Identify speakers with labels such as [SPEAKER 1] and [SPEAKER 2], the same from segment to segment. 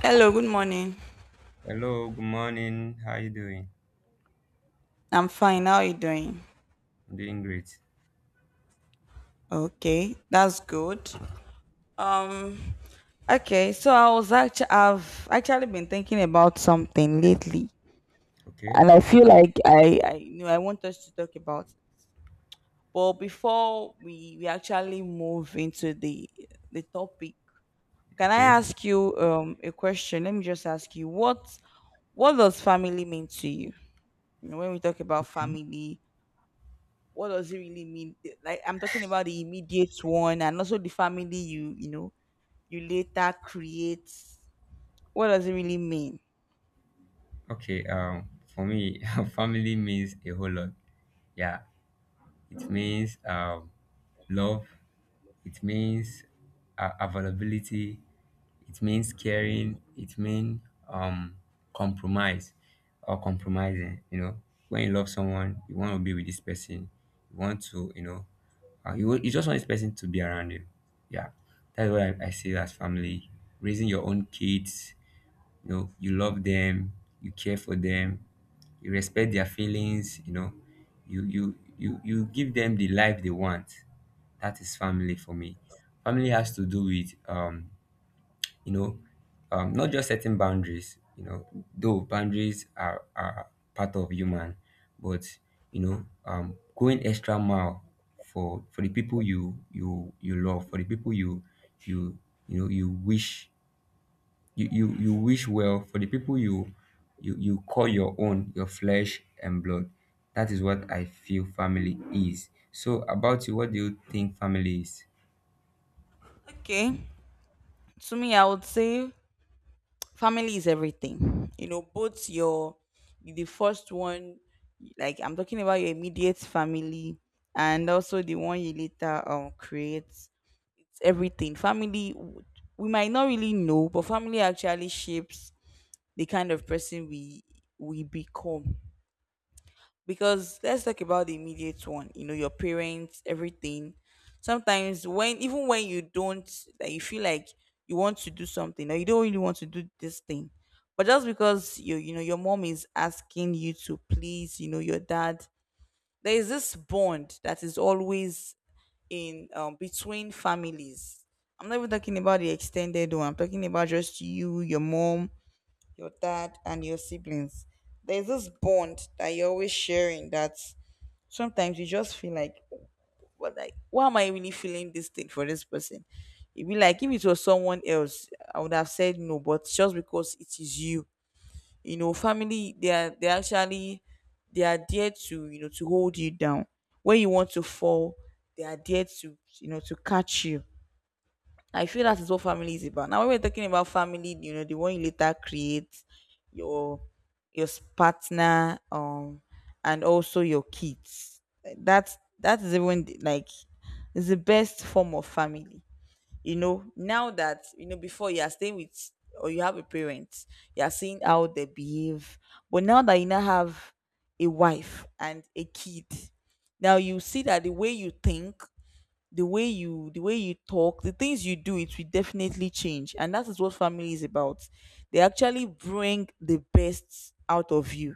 [SPEAKER 1] Hello, good morning.
[SPEAKER 2] Hello, good morning. How you doing?
[SPEAKER 1] I'm fine. How are you doing?
[SPEAKER 2] I'm doing great.
[SPEAKER 1] Okay, that's good. Um, okay, so I've actually been thinking about something lately,
[SPEAKER 2] Okay,
[SPEAKER 1] and I feel like I I want us to talk about it. But before we actually move into the topic, can I
[SPEAKER 2] okay,
[SPEAKER 1] ask you a question? Let me just ask you what does family mean to you? You know, when we talk about family, what does it really mean? Like I'm talking about the immediate one and also the family you you know you later create. What does it really mean?
[SPEAKER 2] okay. For me, family means a whole lot. Yeah, it means love. It means availability, it means caring, it means um compromise or compromising. You know, when you love someone, you want to be with this person, you want to, you know, you just want this person to be around you. Yeah, that's what I see as family. Raising your own kids, you know, you love them, you care for them, you respect their feelings, you know, you give them the life they want. That is family for me. Family has to do with um, you know, um, not just setting boundaries, you know, though boundaries are part of human. But, you know, um, going extra mile for the people you love, for the people you you know you wish, you wish well for the people you call your own, your flesh and blood. That is what I feel family is. So about you, what do you think family is?
[SPEAKER 1] Okay. To me I would say family is everything. You know, both your the first one like I'm talking about your immediate family and also the one you later create. It's everything. We might not really know, but family actually shapes the kind of person we become, because let's talk about the immediate one. You know, your parents, everything. Sometimes when even when you don't, like, you feel like you want to do something, or you don't really want to do this thing, but just because you know, your mom is asking you to, please, you know, your dad, there is this bond that is always in, between families. I'm not even talking about the extended one, I'm talking about just you, your mom, your dad and your siblings. There's this bond that you're always sharing that sometimes you just feel like, what, like why am I really feeling this thing for this person? It'd be like if it was someone else, I would have said no, but just because it is you, you know, family, they are, they actually, they are there to, you know, to hold you down. When you want to fall, they are there to, you know, to catch you. I feel that is what family is about. Now, when we're talking about family, you know, the one you later create, your partner, and also your kids. Like, That's that is even the- like is the best form of family. You know, now that before you are staying with or you have a parent, you are seeing how they behave. But now that you now have a wife and a kid, now you see that the way you think, the way you talk, the things you do, it will definitely change. And that is what family is about. They actually bring the best out of you.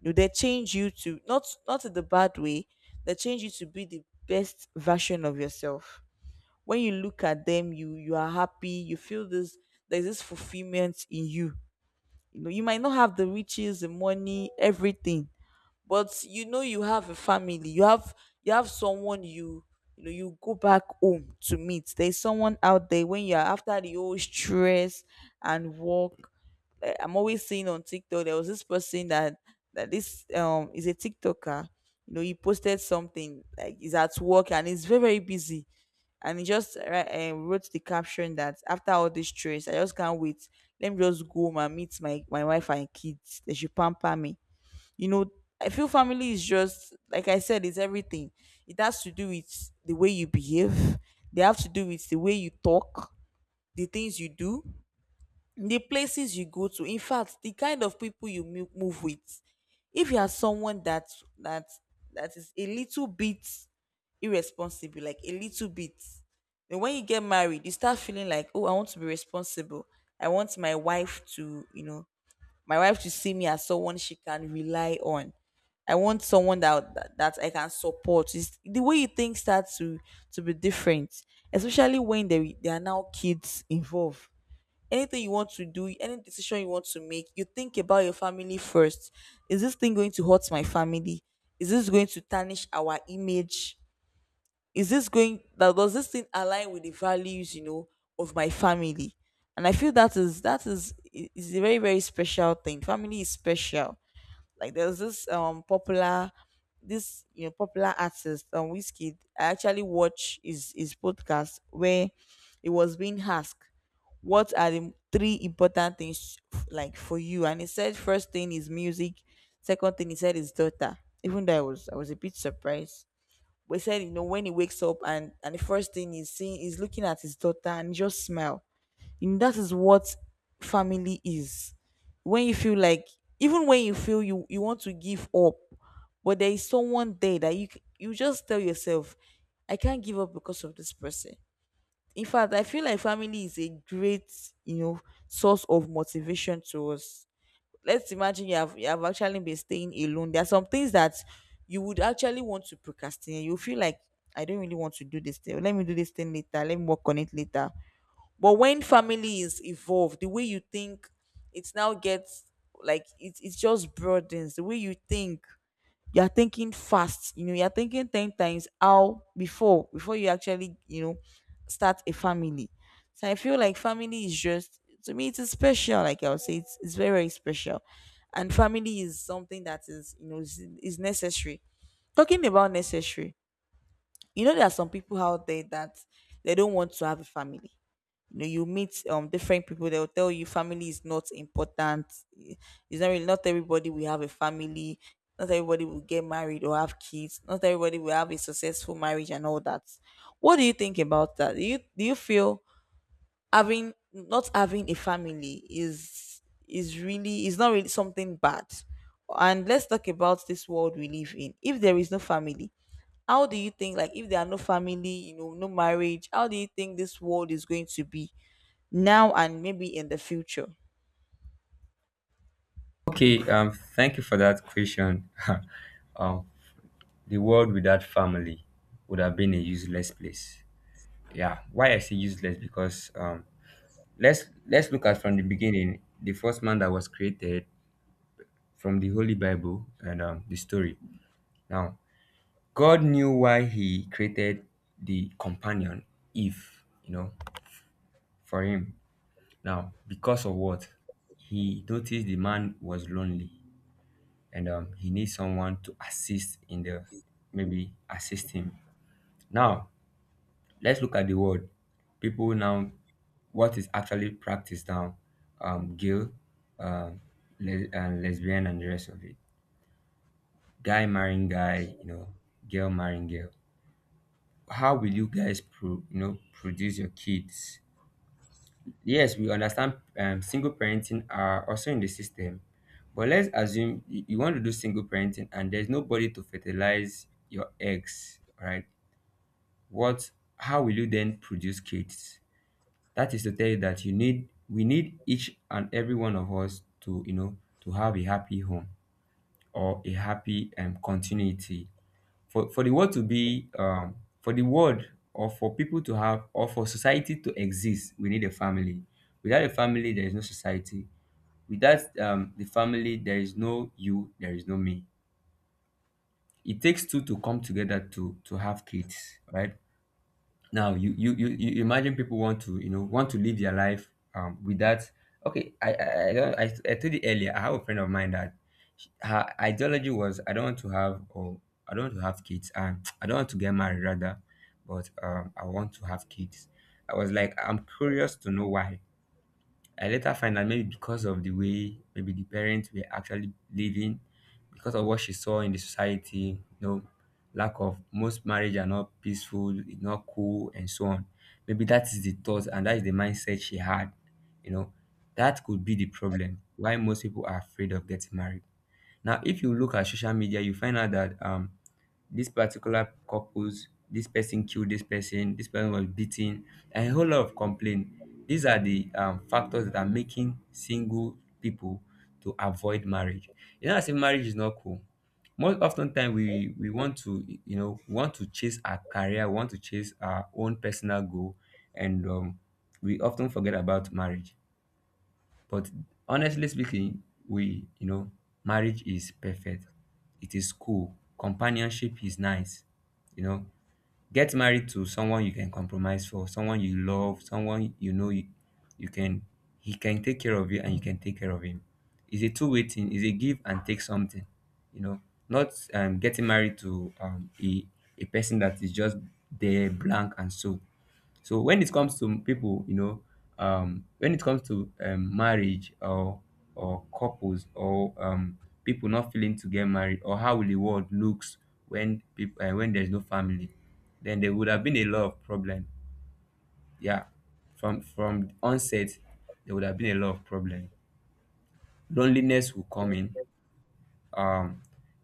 [SPEAKER 1] You know, they change you to, not in the bad way. They change you to be the best version of yourself. When you look at them, you are happy, you feel this, there's this fulfillment in you. You know, you might not have the riches, the money, everything, but you know you have a family, you have, you have someone you, you know, you go back home to meet. There's someone out there when you're after the whole stress and work. Like, I'm always seeing on TikTok there was this person that that this is a TikToker. You know, he posted something like he's at work and he's very, very busy, and he just wrote the caption that after all this stress, I just can't wait. Let me just go home and meet my wife and kids. They should pamper me, you know. I feel family is just, like I said, it's everything. It has to do with the way you behave. They have to do with the way you talk, the things you do, the places you go to. In fact, the kind of people you move with. If you are someone that that that is a little bit irresponsible, like a little bit, then when you get married, you start feeling like, oh, I want to be responsible. I want my wife to, you know, my wife should see me as someone she can rely on. I want someone that I can support. The way you think starts to be different, especially when there are now kids involved. Anything you want to do, any decision you want to make, you think about your family first. Is this thing going to hurt my family? Is this going to tarnish our image? Is this going that Does this thing align with the values, you know, of my family? And I feel that is is a very, very special thing. Family is special. Like, there's this popular, this you know popular artist, Whiskey. I actually watch his podcast where it was being asked, what are the three important things like for you? And he said first thing is music, second thing he said is daughter. Even though I was a bit surprised, we said, you know, when he wakes up and the first thing he's seeing is looking at his daughter and just smile. You know, that is what family is. When you feel like, even when you feel you want to give up, but there is someone there that you just tell yourself, I can't give up because of this person. In fact, I feel like family is a great, you know, source of motivation to us. Let's imagine you have actually been staying alone. There are some things that you would actually want to procrastinate. You feel like, I don't really want to do this thing. Let me do this thing later. Let me work on it later. But when family is involved, the way you think, it now gets like, it just broadens the way you think. You are thinking fast, you know, you're thinking 10 times how before you actually, you know, start a family. So I feel like family is just, to me, it's special. Like, I would say it's very, very special. And family is something that is, you know, is necessary. Talking about necessary, you know, there are some people out there that they don't want to have a family. You know, you meet different people, they'll tell you family is not important. I- it's not really, not everybody will have a family, not everybody will get married or have kids, not everybody will have a successful marriage and all that. What do you think about that? Do you do you feel having, not having a family is really is not really something bad? And let's talk about this world we live in. If there is no family, how do you think, like if there are no family, you know, no marriage, how do you think this world is going to be now and maybe in the future?
[SPEAKER 2] Okay, um, thank you for that question. Um, the world without family would have been a useless place. Yeah, why I say useless? Because, um, let's look at from the beginning, the first man that was created from the holy bible and, the story. Now, God knew why he created the companion, Eve, you know, for him. Now, because of what? He noticed the man was lonely, and, he needs someone to assist in the, maybe assist him. Now, let's look at the word. People now, what is actually practiced now? Gil, um, and lesbian, and the rest of it. Guy marrying guy, you know, girl marrying girl. How will you guys pro, you know, produce your kids? Yes, we understand, single parenting are also in the system. But let's assume you want to do single parenting, and there's nobody to fertilize your eggs, right? What, how will you then produce kids? That is to tell you that you need, we need each and every one of us to, you know, to have a happy home, or a happy, continuity for the world to be um, for the world, or for people to have, or for society to exist, we need a family. Without a family, there is no society. Without um, the family, there is no you, there is no me. It takes two to come together to have kids, right? Now you imagine people want to, you know, want to live their life um, without. Okay, I, don't, I told you earlier, I have a friend of mine that, her ideology was, I don't want to have, or I don't want to have kids, and I don't want to get married rather. But, um, I want to have kids. I was like, I'm curious to know why. I later find out, maybe because of the way, maybe the parents were actually living, because of what she saw in the society, you know, lack of, most marriage are not peaceful, it's not cool, and so on. Maybe that is the thought and that is the mindset she had, you know. That could be the problem why most people are afraid of getting married. Now, if you look at social media, you find out that um, this particular couples, this person killed this person, this person was beaten, and a whole lot of complaint. These are the factors that are making single people to avoid marriage. You know, I say marriage is not cool. Most often time we want to, you know, we want to chase our career, we want to chase our own personal goal, and, we often forget about marriage. But, honestly speaking, we, you know, marriage is perfect. It is cool. Companionship is nice. You know, get married to someone you can compromise for, someone you love, someone you know you can, he can take care of you and you can take care of him. It's a two-way thing. It's a give and take something. You know, not, getting married to, a person that is just there blank and so. So when it comes to people, you know, when it comes to marriage or couples, or people not feeling to get married, or how the world looks when people when there's no family, then there would have been a lot of problem. Yeah, from onset, there would have been a lot of problem. Loneliness will come in. Um,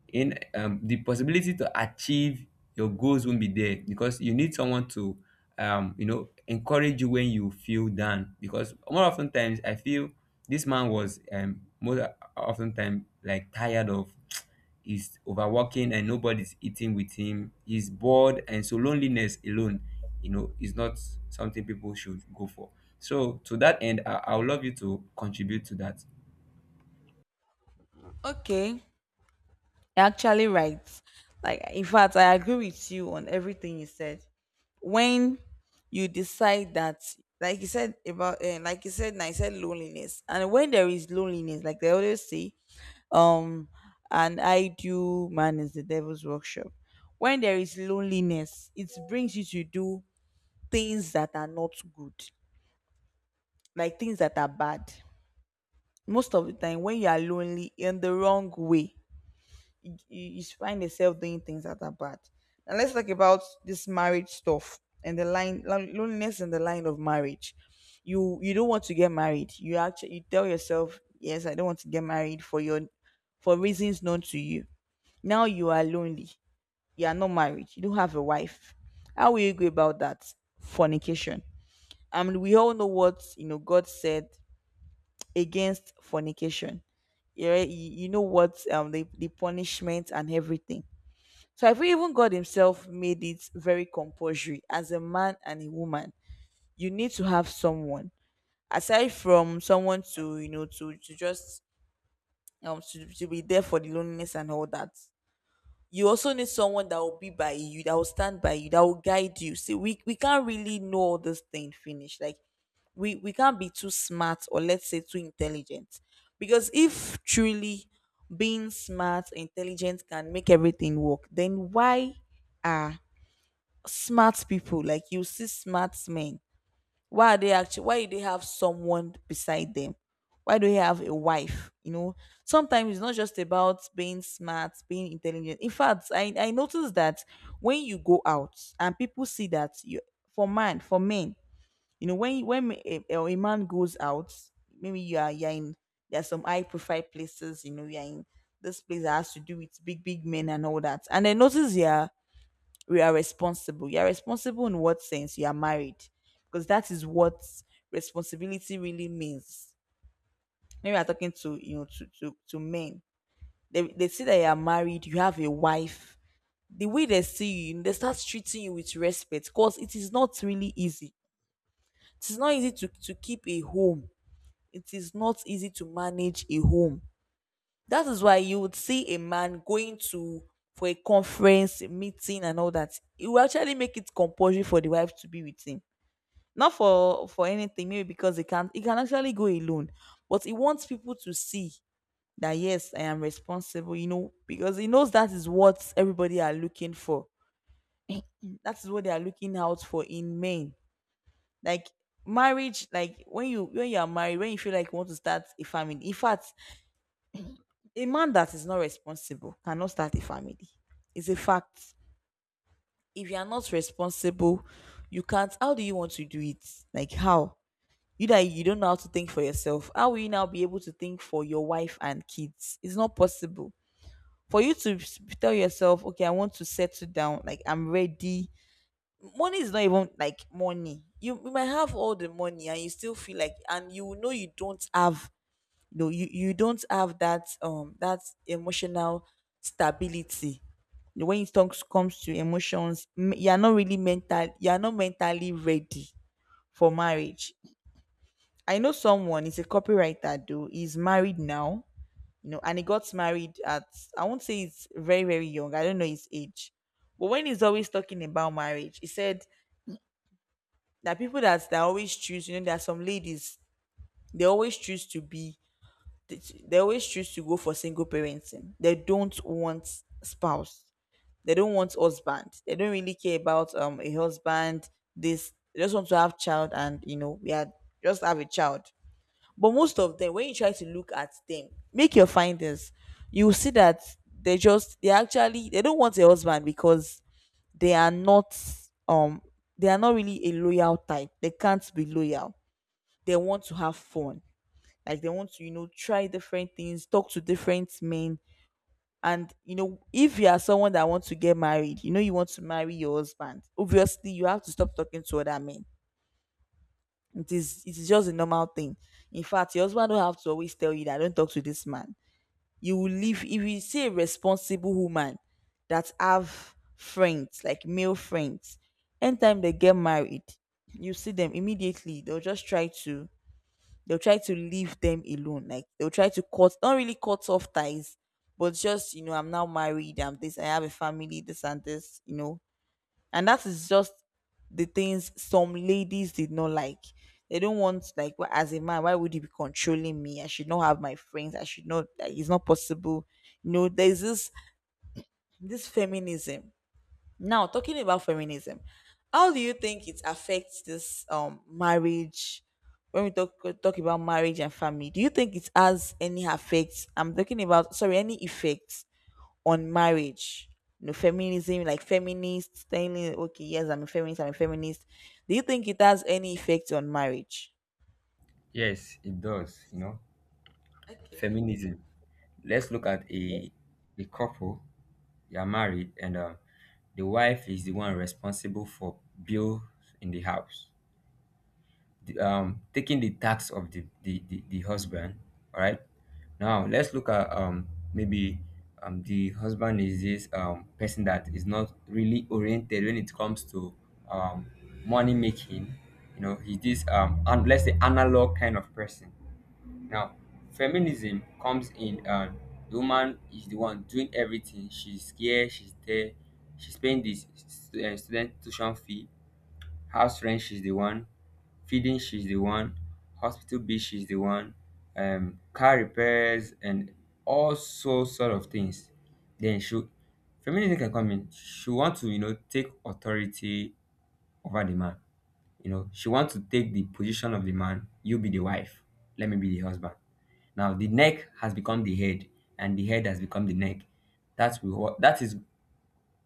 [SPEAKER 2] in the possibility to achieve your goals won't be there because you need someone to you know, encourage you when you feel down, because more often times I feel this man was, most often time like tired of he's overworking and nobody's eating with him, he's bored, and so loneliness alone, you know, is not something people should go for. So to that end, I would love you to contribute to that.
[SPEAKER 1] Okay, actually right. Like, in fact, I agree with you on everything you said. When you decide that, like you said, and I said loneliness, and when there is loneliness, like they always say, um, an idle man is the devil's workshop. When there is loneliness, it brings you to do things that are not good, like things that are bad. Most of the time, when you are lonely in the wrong way, you find yourself doing things that are bad. Now let's talk about this marriage stuff and the loneliness in the line of marriage. You don't want to get married. You tell yourself, yes, I don't want to get married, for your for reasons known to you. Now you are lonely. You are not married. You don't have a wife. How will you go about that? Fornication. I mean, we all know what, you know, God said against fornication. Yeah, you know what, the punishment and everything. So I feel even God Himself made it very compulsory. As a man and a woman, you need to have someone aside from someone to, you know, to just to be there for the loneliness and all that. You also need someone that will be by you, that will stand by you, that will guide you. See, we can't really know all this thing finish. Like, we can't be too smart, or let's say, too intelligent, because if truly being smart, intelligent can make everything work, then why? Are smart people, like, you see smart men, why are they actually, why do they have someone beside them? Why do they have a wife? You know, sometimes it's not just about being smart, being intelligent. In fact, I noticed that when you go out and people see that you, for man, for men, you know, when a man goes out, maybe you are, you're in, there are some high profile places, you know, you're in this place that has to do with big big men and all that, and I notice, yeah, we are responsible. You are responsible in what sense? You are married. Because that is what responsibility really means. Maybe I'm talking to, you know, to men. They see that you are married, you have a wife. The way they see you, they start treating you with respect because it is not really easy. It is not easy to keep a home. It is not easy to manage a home. That is why you would see a man going to, for a conference, a meeting, and all that. He will actually make it compulsory for the wife to be with him. Not for anything, maybe because he can't, he can actually go alone. But he wants people to see that, yes, I am responsible, you know, because he knows that is what everybody are looking for. That is what they are looking out for in men. Like marriage, like when you are married, when you feel like you want to start a family. In fact, a man that is not responsible cannot start a family. It's a fact. If you are not responsible, you can't. How do you want to do it? Like how? You that you don't know how to think for yourself, how will you now be able to think for your wife and kids? It's not possible. For you to tell yourself, okay, I want to settle down, like I'm ready. Money is not even like money. You might have all the money and you still feel like, and you know you don't have, no, you don't have that that emotional stability. When it comes to emotions, you are not really mental. You are not mentally ready for marriage. I know someone is a copywriter though. He's married now, you know, and he got married at, I won't say it's very very young. I don't know his age, but when he's always talking about marriage, he said that people that always choose, you know, there are some ladies, they always choose to be, they they always choose to go for single parenting. They don't want spouse. They don't want husband. They don't really care about a husband. This, they just want to have child, and you know we are, just have a child. But most of them, when you try to look at them, make your findings, you will see that they actually they don't want a husband because they are not, um they are not really a loyal type. They can't be loyal. They want to have fun, like they want to, you know, try different things, talk to different men. And you know, if you are someone that wants to get married, you know you want to marry your husband. Obviously, you have to stop talking to other men. It is just a normal thing. In fact, your husband don't have to always tell you that, don't talk to this man. You will live. If you see a responsible woman that have friends, like male friends, anytime they get married, you see them immediately, they'll just try to, they'll try to leave them alone. Like, they'll try to cut, not really cut off ties, but just, you know, I'm now married, I'm this, I have a family, this and this. You know, and that is just the things some ladies did not like. They don't want, like, as a man, why would he be controlling me? I should not have my friends. I should not. Like, it's not possible. You know, there's this feminism. Now, talking about feminism, how do you think it affects this marriage? When we talk about marriage and family, do you think it has any effects? I'm talking about, sorry, any effects on marriage? You know, feminism, like feminists telling, okay, yes, I'm a feminist, I'm a feminist. Do you think it has any effect on marriage?
[SPEAKER 2] Yes, it does, you know.
[SPEAKER 1] Okay.
[SPEAKER 2] Feminism. Let's look at a couple. They are married, and, the wife is the one responsible for bills in the house, the taking the tax of the husband. All right. Now let's look at um, maybe um, the husband is this um, person that is not really oriented when it comes to um, money making. You know, he's this um, and let's say analog kind of person. Now, feminism comes in, and the woman is the one doing everything. She's here, she's there, she's paying this, student tuition fee, house rent, she's the one feeding, she's the one hospital bill, she's the one, car repairs, and all so sort of things. Then she, feminism can come in. She want to, you know, take authority over the man. You know, she wants to take the position of the man. You be the wife, let me be the husband. Now the neck has become the head, and the head has become the neck. That is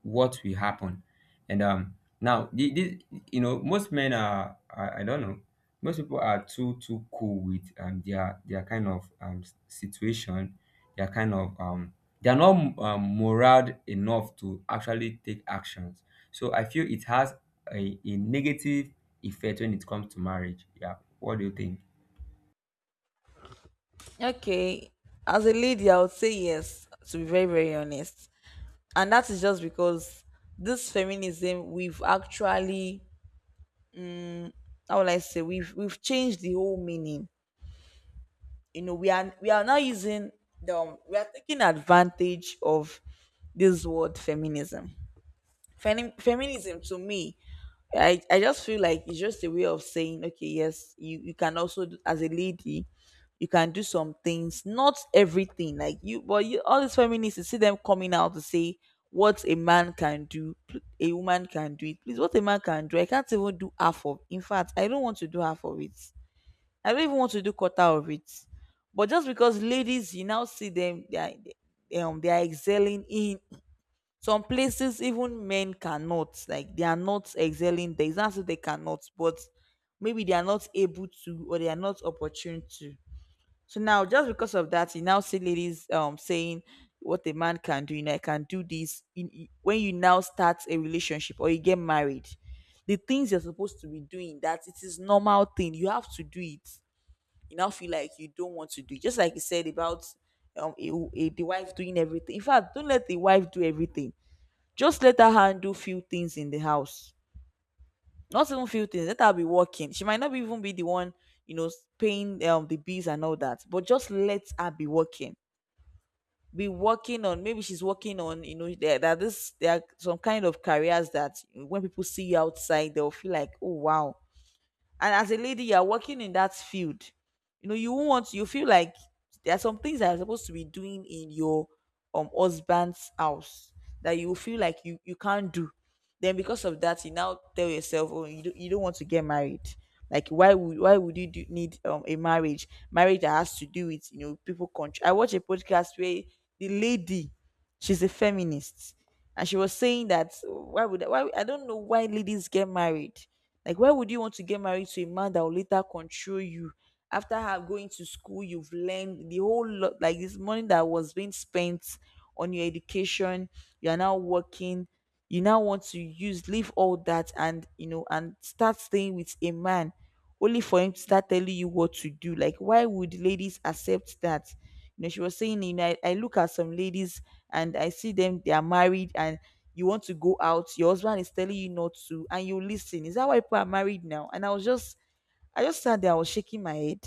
[SPEAKER 2] what will happen. And, now the, you know, most men are, I don't know, most people are too cool with um, their kind of um, situation, their kind of um, they are not morale enough to actually take actions. So I feel it has a negative effect when it comes to marriage. Yeah, what do you think?
[SPEAKER 1] Okay, as a lady, I would say yes, to be very, very honest. And that is just because this feminism, we've actually, mm, how will I say, we've changed the whole meaning. You know, we are now using the, we are taking advantage of this word feminism. Feminism to me, I just feel like it's just a way of saying okay, yes, you can also do, as a lady, you can do some things, not everything, like you, but you, all these feminists, you see them coming out to say what a man can do, a woman can do it, please. What a man can do, I can't even do half of, in fact, I don't want to do half of it. I don't even want to do quarter of it, but just because ladies, you now see them, they are, they are excelling in some places even men cannot, like they are not excelling there. It's not so they cannot, but maybe they are not able to, or they are not opportune to. So now, just because of that, you now see ladies saying what a man can do. You know, I can do this. When you now start a relationship or you get married, the things you're supposed to be doing, that it is normal thing. You have to do it. You now feel like you don't want to do it. Just like you said about a, the wife doing everything. In fact, don't let the wife do everything. Just let her handle few things in the house. Not even few things. Let her be working. She might not be even be the one, you know, paying the bills and all that. But just let her be working. Be working on. Maybe she's working on. You know, there this, there are some kind of careers that when people see you outside, they'll feel like, oh wow, and as a lady you are working in that field, you know, you won't want, you feel like there are some things that are supposed to be doing in your husband's house that you feel like you can't do. Then because of that, you now tell yourself, oh, you don't want to get married. Like, why would you do, need a marriage that has to do with, you know, people country. I watch a podcast where the lady, she's a feminist, and she was saying that, why, I don't know why ladies get married. Like why would you want to get married to a man that will later control you? After have going to school, you've learned the whole lot, like this money that was being spent on your education, you are now working, you now want to use, leave all that, and, you know, and start staying with a man only for him to start telling you what to do. Like, why would ladies accept that? You know, she was saying, you know, I look at some ladies and I see them, they are married, and you want to go out, your husband is telling you not to, and you listen. Is that why people are married now? And I was just, I just sat there, I was shaking my head.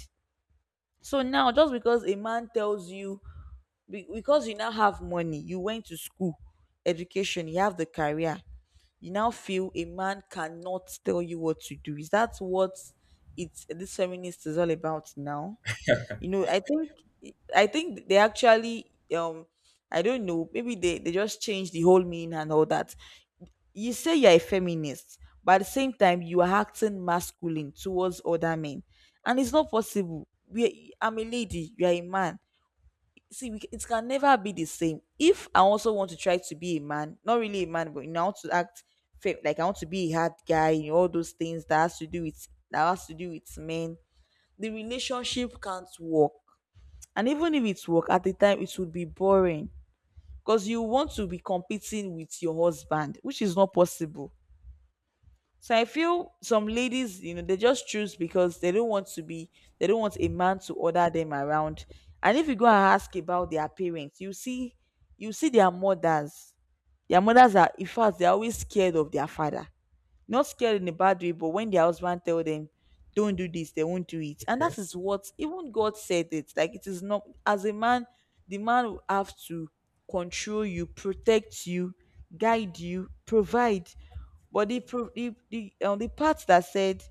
[SPEAKER 1] So now, just because a man tells you, because you now have money, you went to school, education, you have the career, you now feel a man cannot tell you what to do. Is that what it's, this feminist is all about now? You know, I think, I think they actually I don't know, maybe they just changed the whole meaning and all that. You say you're a feminist, but at the same time, you are acting masculine towards other men. And it's not possible. We, I'm a lady, you're a man. See, we, it can never be the same. If I also want to try to be a man, not really a man, but, you know, I want to act like I want to be a hard guy, you know, all those things that has to do with, that has to do with men, the relationship can't work. And even if it work at the time, it would be boring because you want to be competing with your husband, which is not possible. So I feel some ladies, you know, they just choose because they don't want to be, they don't want a man to order them around. And if you go and ask about their parents, you see their mothers. Their mothers are, in fact, they're always scared of their father. Not scared in a bad way, but when their husband tell them, don't do this, they won't do it. And
[SPEAKER 2] Okay,
[SPEAKER 1] that is what even God said it. Like, it is not, as a man, the man will have to control you, protect you, guide you, provide. But the the part that said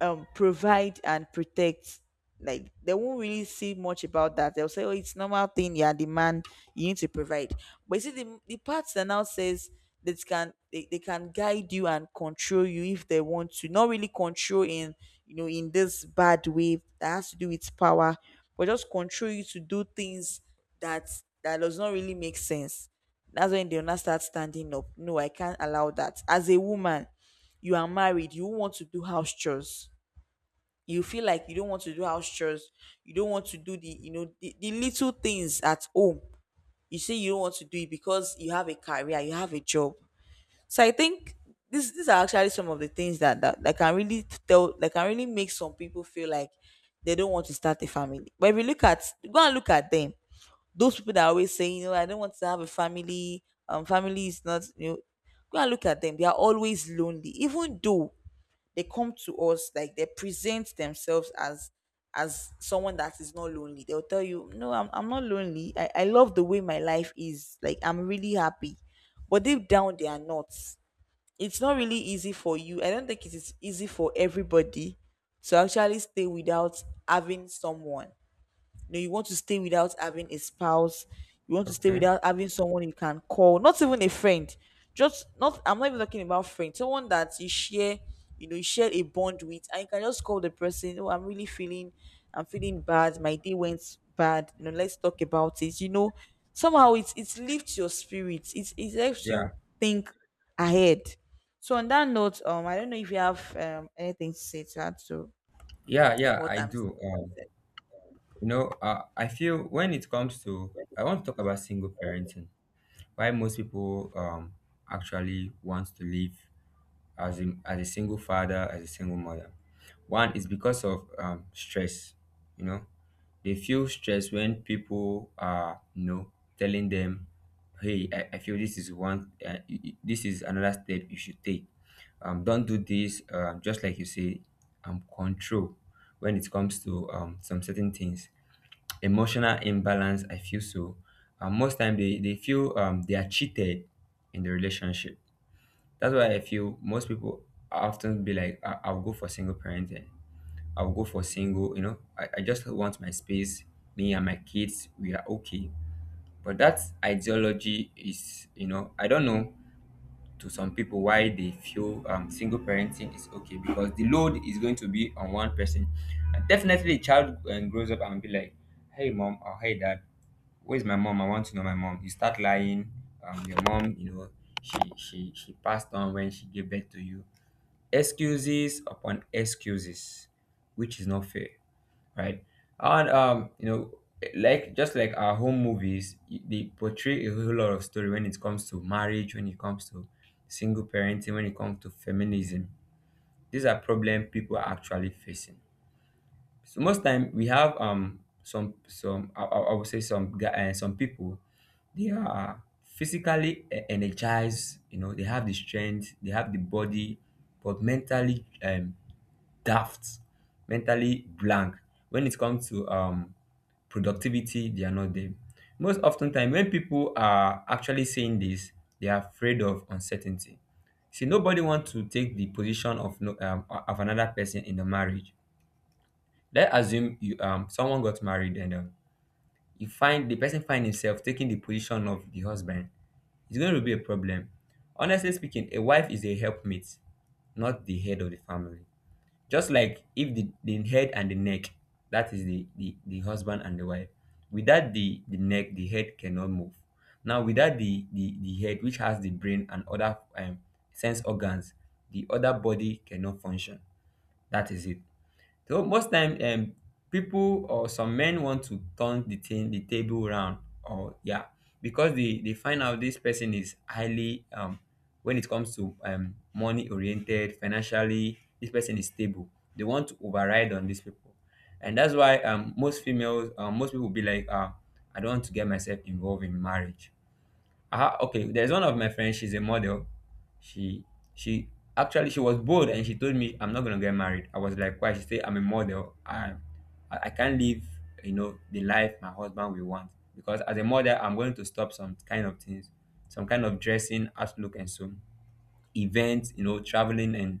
[SPEAKER 1] provide and protect, like, they won't really see much about that. They'll say, oh, it's normal thing, yeah, the man, you need to provide. But you see the part that now says that can, they can guide you and control you if they want to, not really control in, you know, in this bad way that has to do with power, but just control you to do things that, that does not really make sense. That's when they'll not start standing up, no, I can't allow that. As a woman, you are married, you want to do house chores, you feel like you don't want to do house chores, you don't want to do the, you know, the little things at home, you say you don't want to do it because you have a career, you have a job. So I think these are actually some of the things that can really tell, that can really make some people feel like they don't want to start a family. But if you look at, go and look at them, those people that are always saying, you know, I don't want to have a family, family is not, you know, go and look at them, they are always lonely. Even though they come to us like they present themselves as someone that is not lonely, they'll tell you, no, I'm not lonely, I love the way my life is, like, I'm really happy, but deep down they are not. It's not really easy for you. I don't think it is easy for everybody to actually stay without having someone. You know, you want to stay without having a spouse. You want to stay
[SPEAKER 2] okay,
[SPEAKER 1] without having someone you can call, not even a friend. Just not. I'm not even talking about friends. Someone that you share, you know, you share a bond with, and you can just call the person. Oh, I'm really feeling, I'm feeling bad. My day went bad. You know, let's talk about it. You know, somehow it's lifts your spirits. It helps
[SPEAKER 2] yeah.
[SPEAKER 1] you think ahead. So on that note, I don't know if you have anything to say to add to
[SPEAKER 2] Yeah, yeah,
[SPEAKER 1] what
[SPEAKER 2] I
[SPEAKER 1] I'm saying.
[SPEAKER 2] do. You know, I feel when it comes to, I want to talk about single parenting. Why most people actually want to live as as a single father, as a single mother. One is because of, stress. You know, they feel stress when people are, you know, telling them, "Hey, I feel this is one, this is another step you should take. Don't do this." Just like you say, control when it comes to some certain things, emotional imbalance, I feel so. And most time they feel um, they are cheated in the relationship. That's why I feel most people often be like, I'll go for single parenting, I'll go for single, you know, I just want my space, me and my kids, we are okay. But that ideology is, you know, I don't know, to some people, why they feel single parenting is okay because the load is going to be on one person. And definitely a child grows up and be like, hey mom, or hey dad, where's my mom? I want to know my mom. You start lying. Your mom, you know, she passed on when she gave birth to you. Excuses upon excuses, which is not fair, right? And, you know, like, just like our home movies, they portray a whole lot of story when it comes to marriage, when it comes to single parenting, when it comes to feminism. These are problems people are actually facing, so most time we have some I would say some guy and some people. They are physically energized, you know. They have the strength, they have the body, but mentally daft, mentally blank when it comes to productivity. They are not there. Most often time when people are actually saying this, they are afraid of uncertainty. See, nobody wants to take the position of no of another person in the marriage. Let's assume you someone got married, and you find the person find himself taking the position of the husband. It's going to be a problem. Honestly speaking, a wife is a helpmate, not the head of the family. Just like if the head and the neck, that is the husband and the wife. Without the neck, the head cannot move. Now, without the head, which has the brain and other sense organs, the other body cannot function. That is it. So most time, people or some men want to turn the thing, the table round, or yeah, because they find out this person is highly when it comes to money oriented, financially, this person is stable. They want to override on these people, and that's why most females, most people be like, ah, I don't want to get myself involved in marriage. Ah, okay. There's one of my friends. She's a model. She she actually, she was bold and she told me I'm not gonna get married. I was like, why? She said I'm a model. I can't live, you know, the life my husband will want, because as a model I'm going to stop some kind of things, some kind of dressing, outlook, and so events. You know, traveling and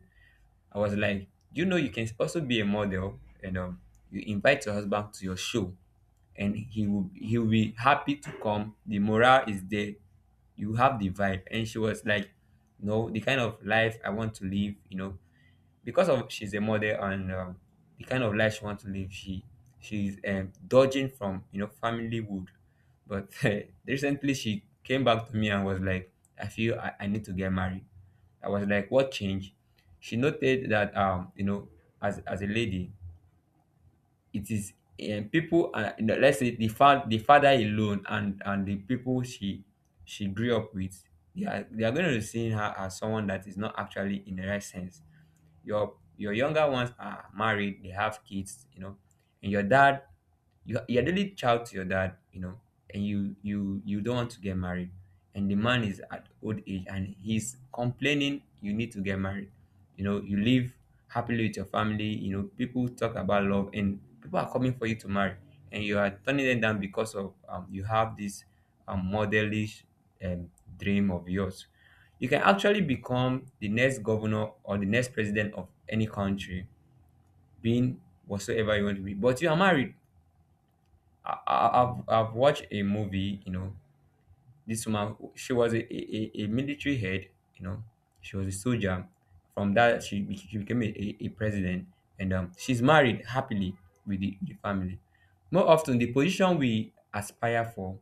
[SPEAKER 2] I was like, you know, you can also be a model, and you invite your husband to your show and he will be happy to come. The morale is there. You have the vibe. And she was like, no, the kind of life I want to live, you know, because of she's a model and the kind of life she wants to live, she she's, dodging from, you know, family wood. But eh, recently she came back to me and was like, "I feel I need to get married." I was like, "What change?" She noted that you know, as a lady, it is, people, you know, let's say the father alone and the people she grew up with. They are going to see her as someone that is not actually in the right sense. Your younger ones are married, they have kids, you know, and your dad, you you're the only child to your dad, you know, and you don't want to get married, and the man is at old age and he's complaining you need to get married. You know, you live happily with your family, you know, people talk about love and people are coming for you to marry, and you are turning them down because of, you have this, modelish, um, dream of yours. You can actually become the next governor or the next president of any country, being whatsoever you want to be, but you are married. I've watched a movie, you know. This woman, she was a military head, you know. She was a soldier. From that she, she became a president, and she's married happily with the family. More often, the position we aspire for,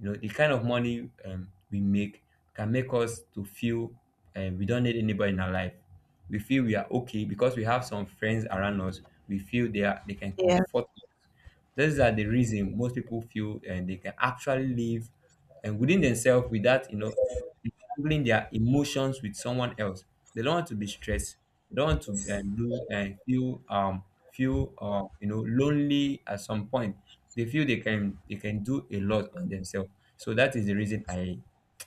[SPEAKER 2] you know, the kind of money, we make, can make us to feel, we don't need anybody in our life. We feel we are okay because we have some friends around us. We feel they can
[SPEAKER 1] Yeah.
[SPEAKER 2] comfort us. These are the reason most people feel, and they can actually live and within themselves without, you know, handling their emotions with someone else. They don't want to be stressed. They don't want to lose and feel feel, you know, lonely at some point. They feel they can do a lot on themselves. So that is the reason I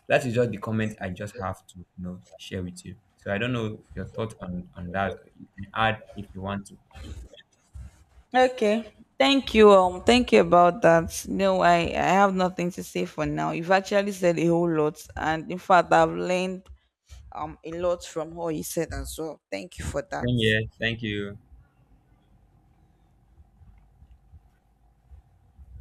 [SPEAKER 2] that is just the comment I just have to, you know, share with you. So I don't know your thought on that. You can add if you want to.
[SPEAKER 1] Okay. Thank you. Thank you about that. No, I have nothing to say for now. You've actually said a whole lot, and in fact, I've learned a lot from what you said as well. Thank you for that.
[SPEAKER 2] Same here. Thank you.